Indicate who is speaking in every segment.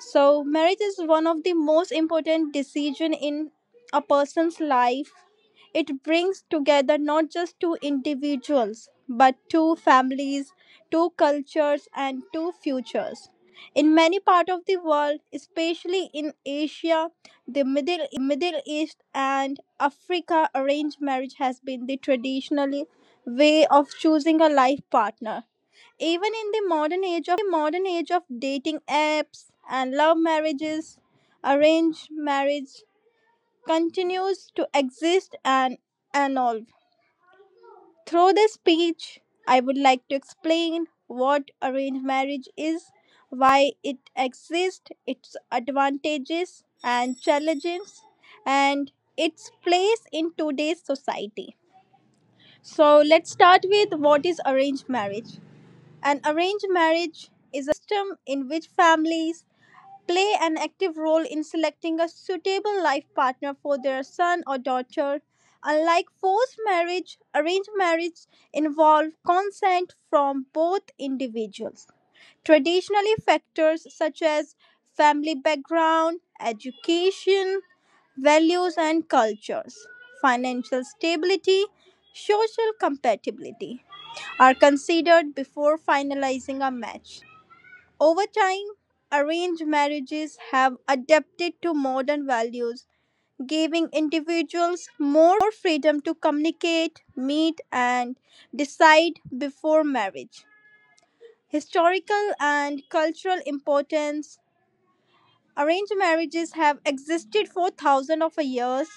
Speaker 1: So marriage is one of the most important decision in a person's life. It brings together not just two individuals but two families, two cultures and two futures. In many parts of the world, especially in Asia, the Middle East and Africa, arranged marriage has been the traditionally way of choosing a life partner. Even in the modern age of dating apps and love marriages, arranged marriage continues to exist and evolve. Through this speech, I would like to explain what arranged marriage is, why it exists, its advantages and challenges, and its place in today's society. So, let's start with what is arranged marriage. An arranged marriage is a system in which families play an active role in selecting a suitable life partner for their son or daughter. Unlike forced marriage, arranged marriage involve consent from both individuals. Traditionally, factors such as family background, education, values and cultures, financial stability, social compatibility, are considered before finalizing a match. Over time, arranged marriages have adapted to modern values, giving individuals more freedom to communicate, meet, and decide before marriage. Historical and cultural importance: arranged marriages have existed for thousands of years.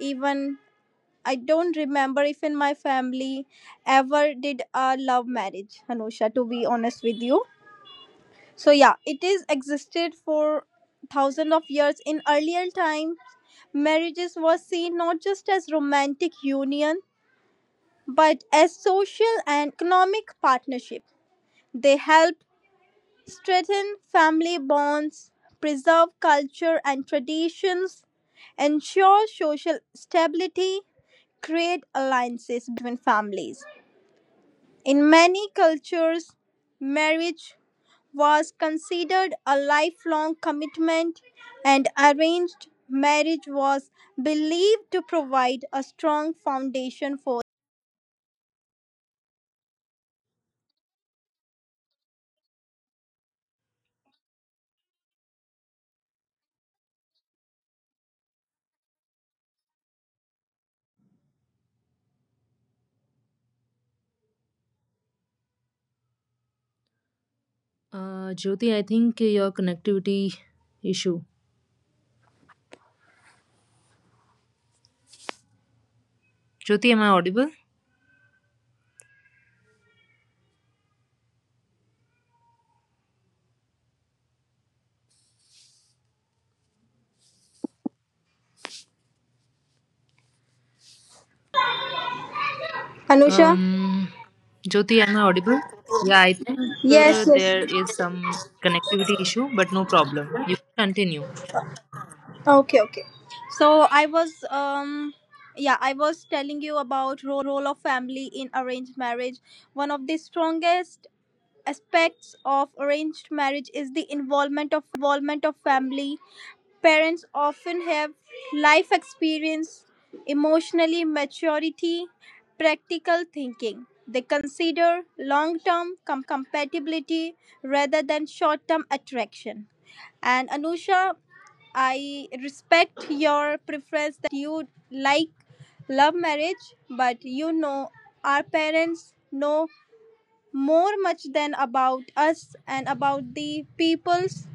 Speaker 1: Even I don't remember if in my family ever did a love marriage, Anusha, to be honest with you. So yeah, it is existed for thousands of years. In earlier time, marriages were seen not just as romantic union but as social and economic partnership. They help strengthen family bonds, preserve culture and traditions, ensure social stability, create alliances between families. In many cultures, marriage was considered a lifelong commitment, and arranged marriage was believed to provide a strong foundation for
Speaker 2: Jyoti, I think your connectivity issue. Jyoti, am I audible?
Speaker 3: Anusha?
Speaker 2: Um, Jyoti, am I audible? Yeah, I think
Speaker 3: Yes, yes.
Speaker 2: there is some connectivity issue, but no problem. You can continue.
Speaker 3: Okay, okay. So I was yeah, I was telling you about role of family in arranged marriage. One of the strongest aspects of arranged marriage is the involvement of family. Parents often have life experience, emotionally maturity, practical thinking. They consider long-term compatibility rather than short-term attraction. And Anusha, I respect your preference that you like love marriage, but you know, our parents know more much than about us and about the peoples.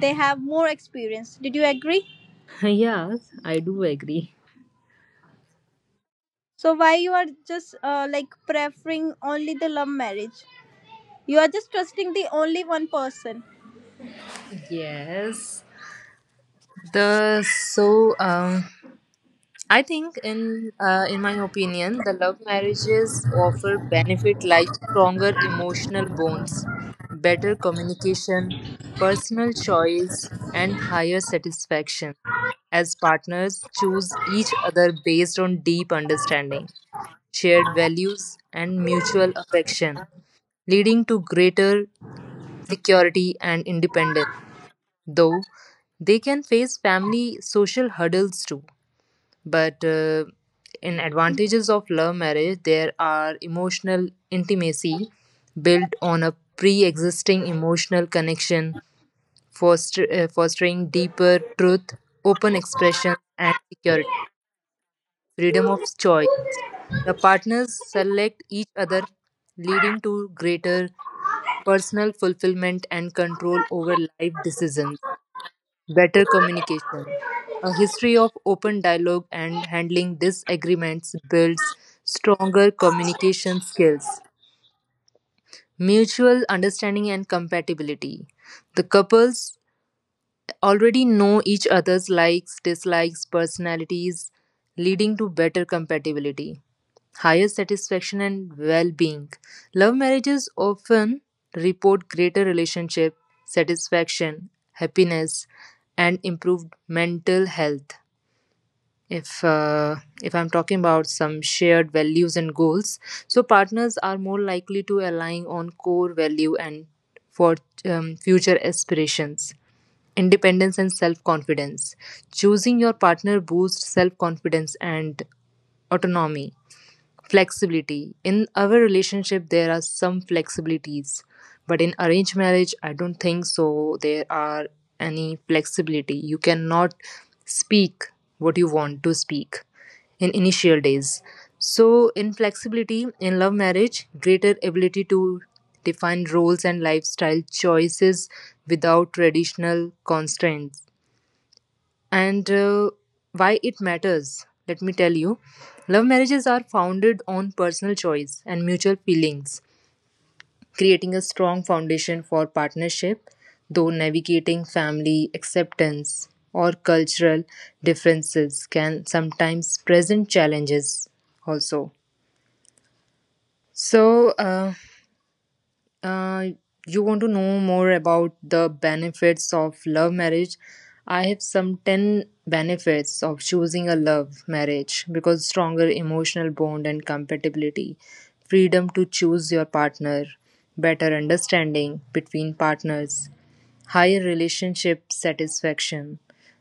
Speaker 3: They have more experience. Did you agree?
Speaker 2: Yes, I do agree.
Speaker 3: So why you are just like preferring only the love marriage? You are just trusting the only one person.
Speaker 2: Yes. The so I think, in my opinion, the love marriages offer benefit like stronger emotional bonds, better communication, personal choice, and higher satisfaction, as partners choose each other based on deep understanding, shared values, and mutual affection, leading to greater security and independence. Though they can face family social hurdles too. But in advantages of love marriage, there are emotional intimacy built on a pre existing emotional connection, fostering deeper truth, open expression, and security, freedom of choice. The partners select each other, leading to greater personal fulfillment and control over life decisions, better communication. A history of open dialogue and handling disagreements builds stronger communication skills. Mutual understanding and compatibility. The couples already know each other's likes, dislikes, personalities, leading to better compatibility, higher satisfaction, and well being. Love marriages often report greater relationship satisfaction, happiness, and improved mental health. If uh, if I'm talking about some shared values and goals, so partners are more likely to align on core value and for future aspirations, independence and self confidence, choosing your partner boosts self confidence and autonomy. Flexibility. In our relationship, there are some flexibilities, but in arranged marriage, I don't think so. There are any flexibility. You cannot speak what you want to speak in initial days. So, in flexibility, in love marriage, greater ability to define roles and lifestyle choices without traditional constraints, and why it matters. Let me tell you. Love marriages are founded on personal choice and mutual feelings, creating a strong foundation for partnership, though navigating family acceptance or cultural differences can sometimes present challenges also. So, Uh, you want to know more about the benefits of love marriage? I have some 10 benefits of choosing a love marriage, because stronger emotional bond and compatibility, freedom to choose your partner, better understanding between partners, higher relationship satisfaction,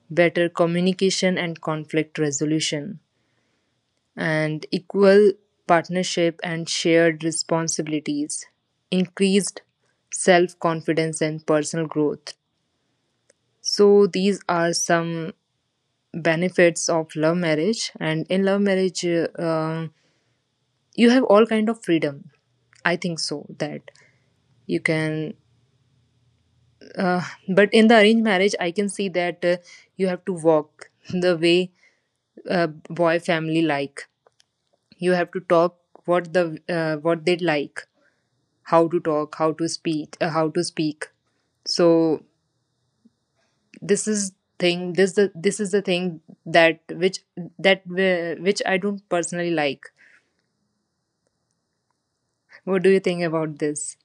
Speaker 2: better communication and conflict resolution, and equal partnership and shared responsibilities, increased self confidence and personal growth. So, these are some benefits of love marriage, and in love marriage, you have all kind of freedom. I think so that you can, uh, but in the arranged marriage, I can see that you have to walk the way boy family like. You have to talk what they like, how to talk, how to speak. So this is this is the thing that which that which I don't personally like. What do you think about this?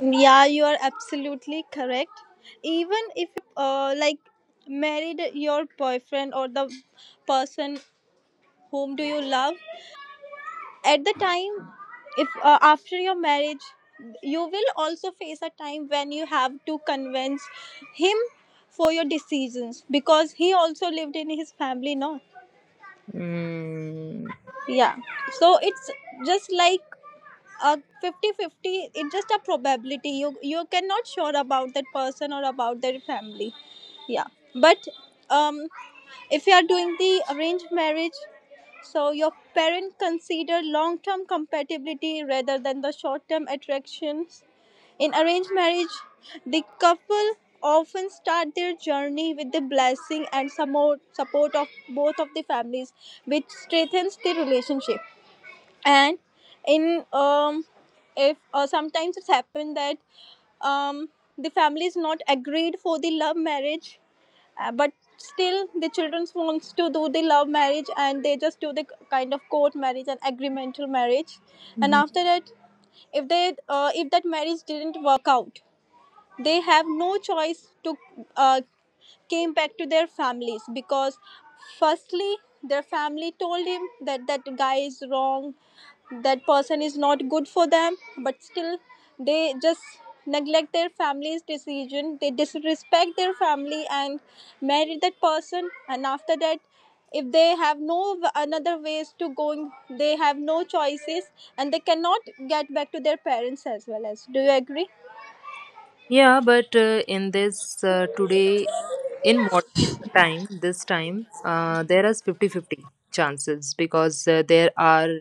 Speaker 3: Yeah, you are absolutely correct. Even if you're like married your boyfriend or the person whom do you love, at the time if after your marriage you will also face a time when you have to convince him for your decisions because he also lived in his family, no?
Speaker 2: Mm.
Speaker 3: Yeah, so it's just like 50-50, it's just a probability. You cannot sure about that person or about their family. Yeah, but um if you are doing the arranged marriage, so your parent consider long term compatibility rather than the short term attractions. In arranged marriage, the couple often start their journey with the blessing and support of both of the families, which strengthens the relationship. And in if sometimes it's happened that um the family is not agreed for the love marriage, but still the children wants to do the love marriage and they just do the kind of court marriage and agreemental marriage. And
Speaker 2: Mhm.
Speaker 3: after that, if they if that marriage didn't work out, they have no choice to uh, came back to their families, because firstly their family told him that that guy is wrong, that person is not good for them, but still they just neglect their family's decision, they disrespect their family and marry that person. And after that, if they have no another ways to going, they have no choices and they cannot get back to their parents as well. As do you agree?
Speaker 2: Yeah, but in this today, in modern time, this time, there is fifty fifty chances, because there are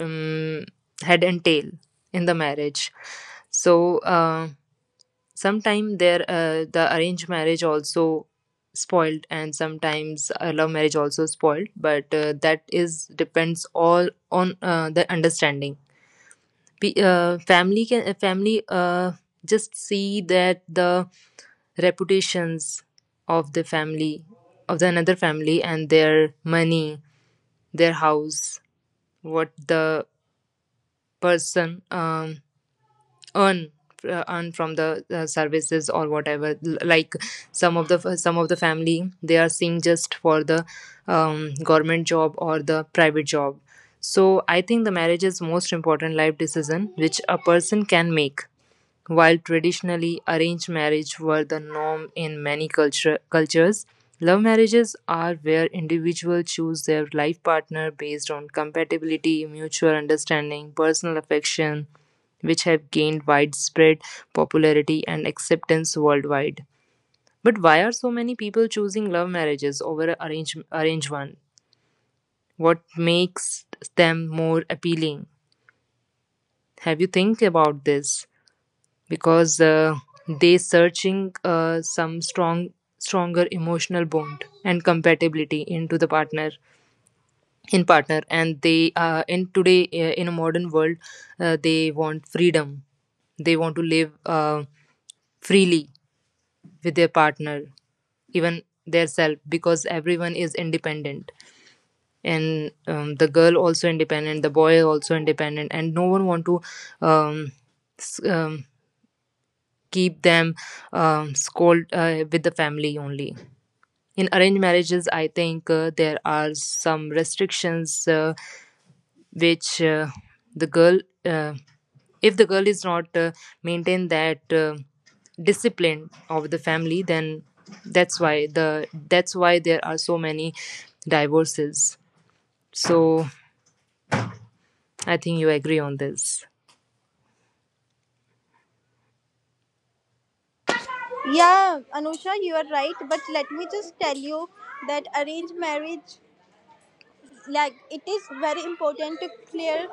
Speaker 2: um, head and tail in the marriage. So, sometimes the arranged marriage also spoiled, and sometimes love marriage also spoiled. But that is depends all on the understanding. Family just see that the reputations of the family of the another family and their money, their house, what the person earn earn from the services or whatever. Like some of the family, they are seeing just for the government job or the private job. So I think the marriage is most important life decision which a person can make, while traditionally arranged marriage were the norm in many cultures. Love marriages are where individuals choose their life partner based on compatibility, mutual understanding, personal affection, which have gained widespread popularity and acceptance worldwide. But why are so many people choosing love marriages over arranged one? What makes them more appealing? Have you think about this? Because they searching some stronger emotional bond and compatibility into the partner, in partner, and they in today, in a modern world, they want freedom, they want to live freely with their partner, even their self, because everyone is independent, and the girl also independent, the boy also independent, and no one want to um, s- um, keep them, scold with the family only. In arranged marriages, I think there are some restrictions which the girl, if the girl is not maintain that discipline of the family, then that's why there are so many divorces. So I think you agree on this.
Speaker 4: Yeah, Anusha, you are right. But let me just tell you that arranged marriage, like, it is very important to clear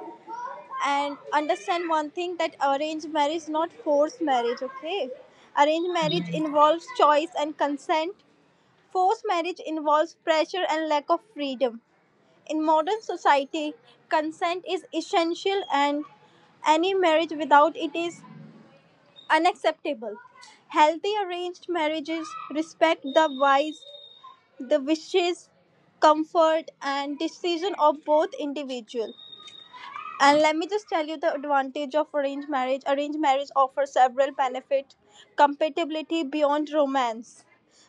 Speaker 4: and understand one thing that arranged marriage is not forced marriage, okay? Arranged marriage involves choice and consent, forced marriage involves pressure and lack of freedom. In modern society, consent is essential and any marriage without it is unacceptable. Healthy arranged marriages respect the wise the wishes, comfort, and decision of both individual. And let me just tell you the advantage of arranged marriage. Arranged marriage offers several benefits. Compatibility beyond romance.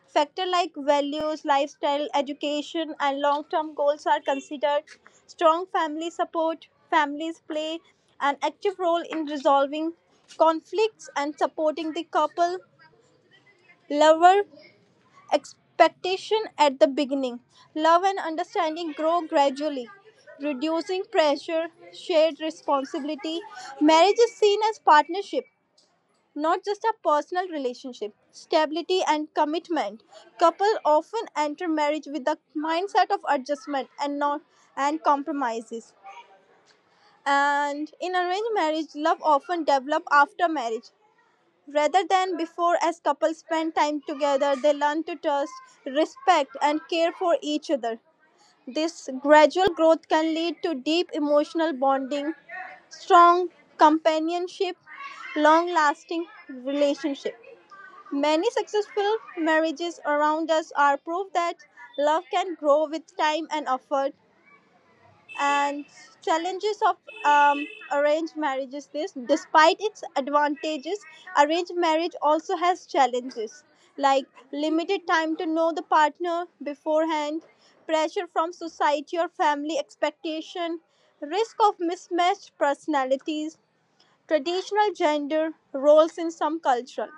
Speaker 4: Factor like values, lifestyle, education, and long-term goals are considered. Strong family support. Families play an active role in resolving conflicts and supporting the couple. Lover expectation at the beginning. Love and understanding grow gradually, reducing pressure. Shared responsibility. Marriage is seen as partnership, not just a personal relationship. Stability and commitment. Couples often enter marriage with the mindset of adjustment and not and compromises. And in arranged marriage, love often develops after marriage, rather than before. As couples spend time together, they learn to trust, respect, and care for each other. This gradual growth can lead to deep emotional bonding, strong companionship, long lasting relationship. Many successful marriages around us are proof that love can grow with time and effort. And challenges of um, arranged marriages. This despite its advantages, arranged marriage also has challenges like limited time to know the partner beforehand, pressure from society or family expectation, risk of mismatched personalities, traditional gender roles in some cultures.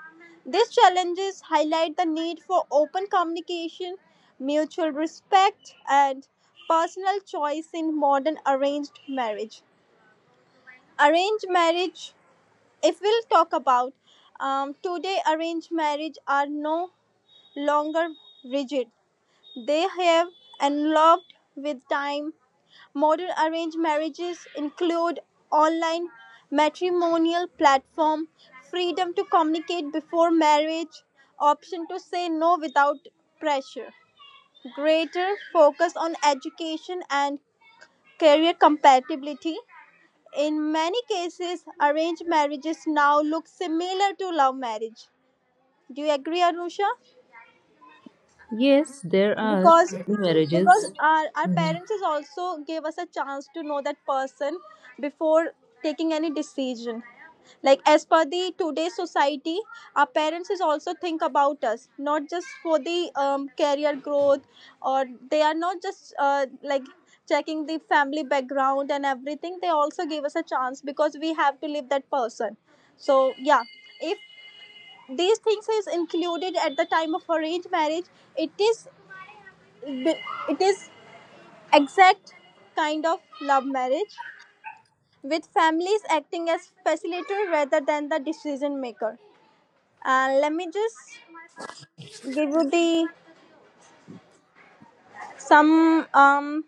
Speaker 4: These challenges highlight the need for open communication, mutual respect, and personal choice in modern arranged marriage. Arranged marriage, if we'll talk about today, arranged marriage are no longer rigid. They have evolved with time. Modern arranged marriages include online matrimonial platform, freedom to communicate before marriage, option to say no without pressure, greater focus on education and career compatibility. In many cases, arranged marriages now look similar to love marriage. Do you agree, Anusha?
Speaker 2: Yes, there are
Speaker 4: Because
Speaker 2: many marriages.
Speaker 4: our parents is also gave us a chance to know that person before taking any decision. Like as per the today's society, our parents is also think about us, not just for the career growth, or they are not just like checking the family background and everything. They also give us a chance because we have to leave that person. So yeah, if these things is included at the time of arranged marriage, it is it is exact kind of love marriage with families acting as facilitator rather than the decision maker. And let me just give you the some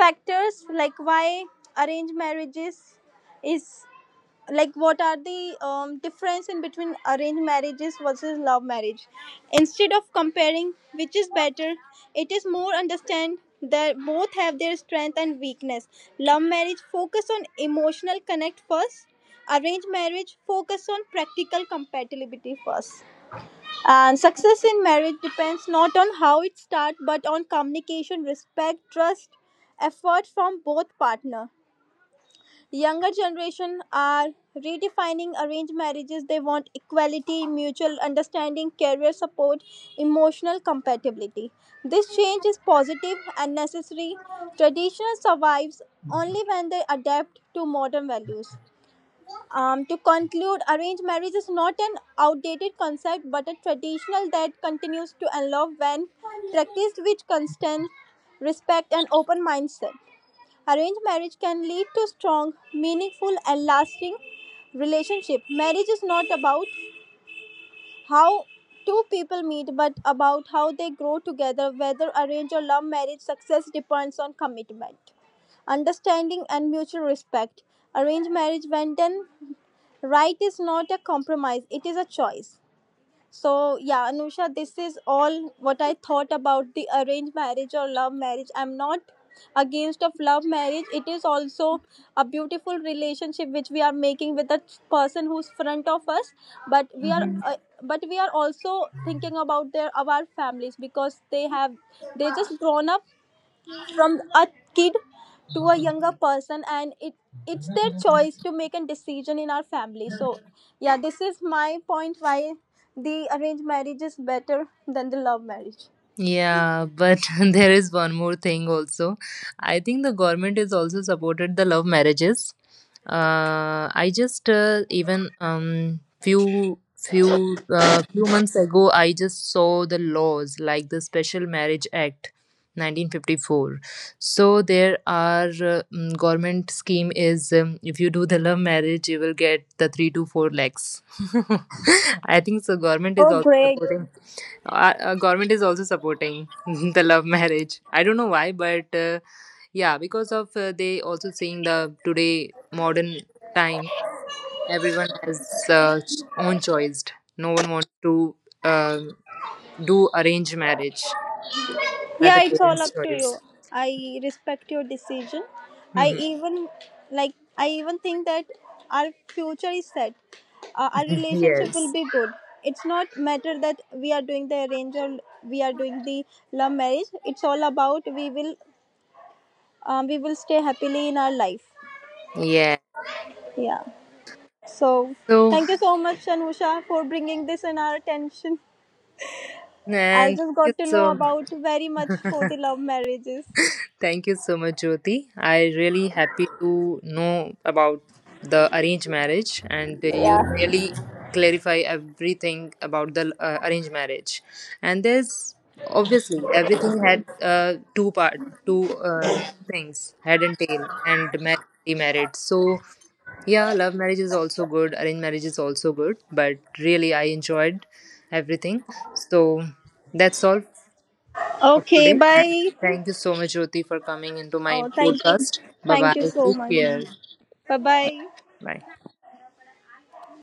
Speaker 4: factors like why arranged marriages is like, what are the difference in between arranged marriages versus love marriage. Instead of comparing which is better, it is more understand that both have their strength and weakness. Love marriage focus on emotional connect first, arranged marriage focus on practical compatibility first, and success in marriage depends not on how it starts but on communication, respect, trust, effort from both partner. Younger generation are redefining arranged marriages. They want equality, mutual understanding, career support, emotional compatibility. This change is positive and necessary. Traditional survives only when they adapt to modern values. To conclude, arranged marriage is not an outdated concept but a traditional that continues to evolve. When practiced with constant respect and open mindset, arranged marriage can lead to strong, meaningful, and lasting relationship. Marriage is not about how two people meet but about how they grow together. Whether arranged or love marriage, success depends on commitment, understanding, and mutual respect. Arranged marriage, when done right, is not a compromise, it is a choice. So, yeah, Anusha, this is all what I thought about the arranged marriage or love marriage. I'm not against of love marriage, it is also a beautiful relationship which we are making with the person who's front of us. But we are also thinking about their our families, because they have they just grown up from a kid to a younger person, and it it's their choice to make a decision in our family. So yeah, this is my point why the arranged marriage is better than the love marriage.
Speaker 2: Yeah, but there is one more thing also. I think the government is also supported the love marriages. I just even few months ago I just saw the laws like the Special Marriage Act 1954. So there are government scheme is if you do the love marriage you will get the 3 to 4 lakhs. I think so government is
Speaker 4: Oh,
Speaker 2: also
Speaker 4: great.
Speaker 2: supporting the love marriage. I don't know why, but yeah, because of they also seeing the today modern time, everyone has own choice. No one wants to uh, do arranged marriage by the
Speaker 4: Yeah, it's all
Speaker 2: parents
Speaker 4: up to you.
Speaker 2: choice.
Speaker 4: I respect your decision. i
Speaker 2: Mhm.
Speaker 4: even like i even think that our future is set. Our relationship will
Speaker 2: Yes.
Speaker 4: be good. It's not matter that we are doing the arranged or we are doing the love marriage. It's all about we will stay happily in our life.
Speaker 2: Yeah.
Speaker 4: Yeah. So
Speaker 2: so
Speaker 4: thank you so much, Anusha, for bringing this in our attention. I
Speaker 2: and thank
Speaker 4: just
Speaker 2: you
Speaker 4: got to know
Speaker 2: so
Speaker 4: about very much for the love marriages.
Speaker 2: Thank you so much, Jyoti. I really happy to know about the arranged marriage, and you
Speaker 4: Yeah.
Speaker 2: really clarify everything about the arranged marriage. And there's obviously everything had two part, two two things, head and tail, and married, remarried. So yeah, love marriage is also good, arranged marriage is also good, but really I enjoyed everything. So that's all of
Speaker 4: Okay.
Speaker 2: today. And
Speaker 4: Bye.
Speaker 2: thank you so much, Jyoti, for coming into my
Speaker 4: Oh, thank,
Speaker 2: podcast. Bye
Speaker 4: thank
Speaker 2: bye.
Speaker 4: you so
Speaker 2: Take
Speaker 4: much.
Speaker 2: care.
Speaker 4: Bye bye.
Speaker 2: Bye.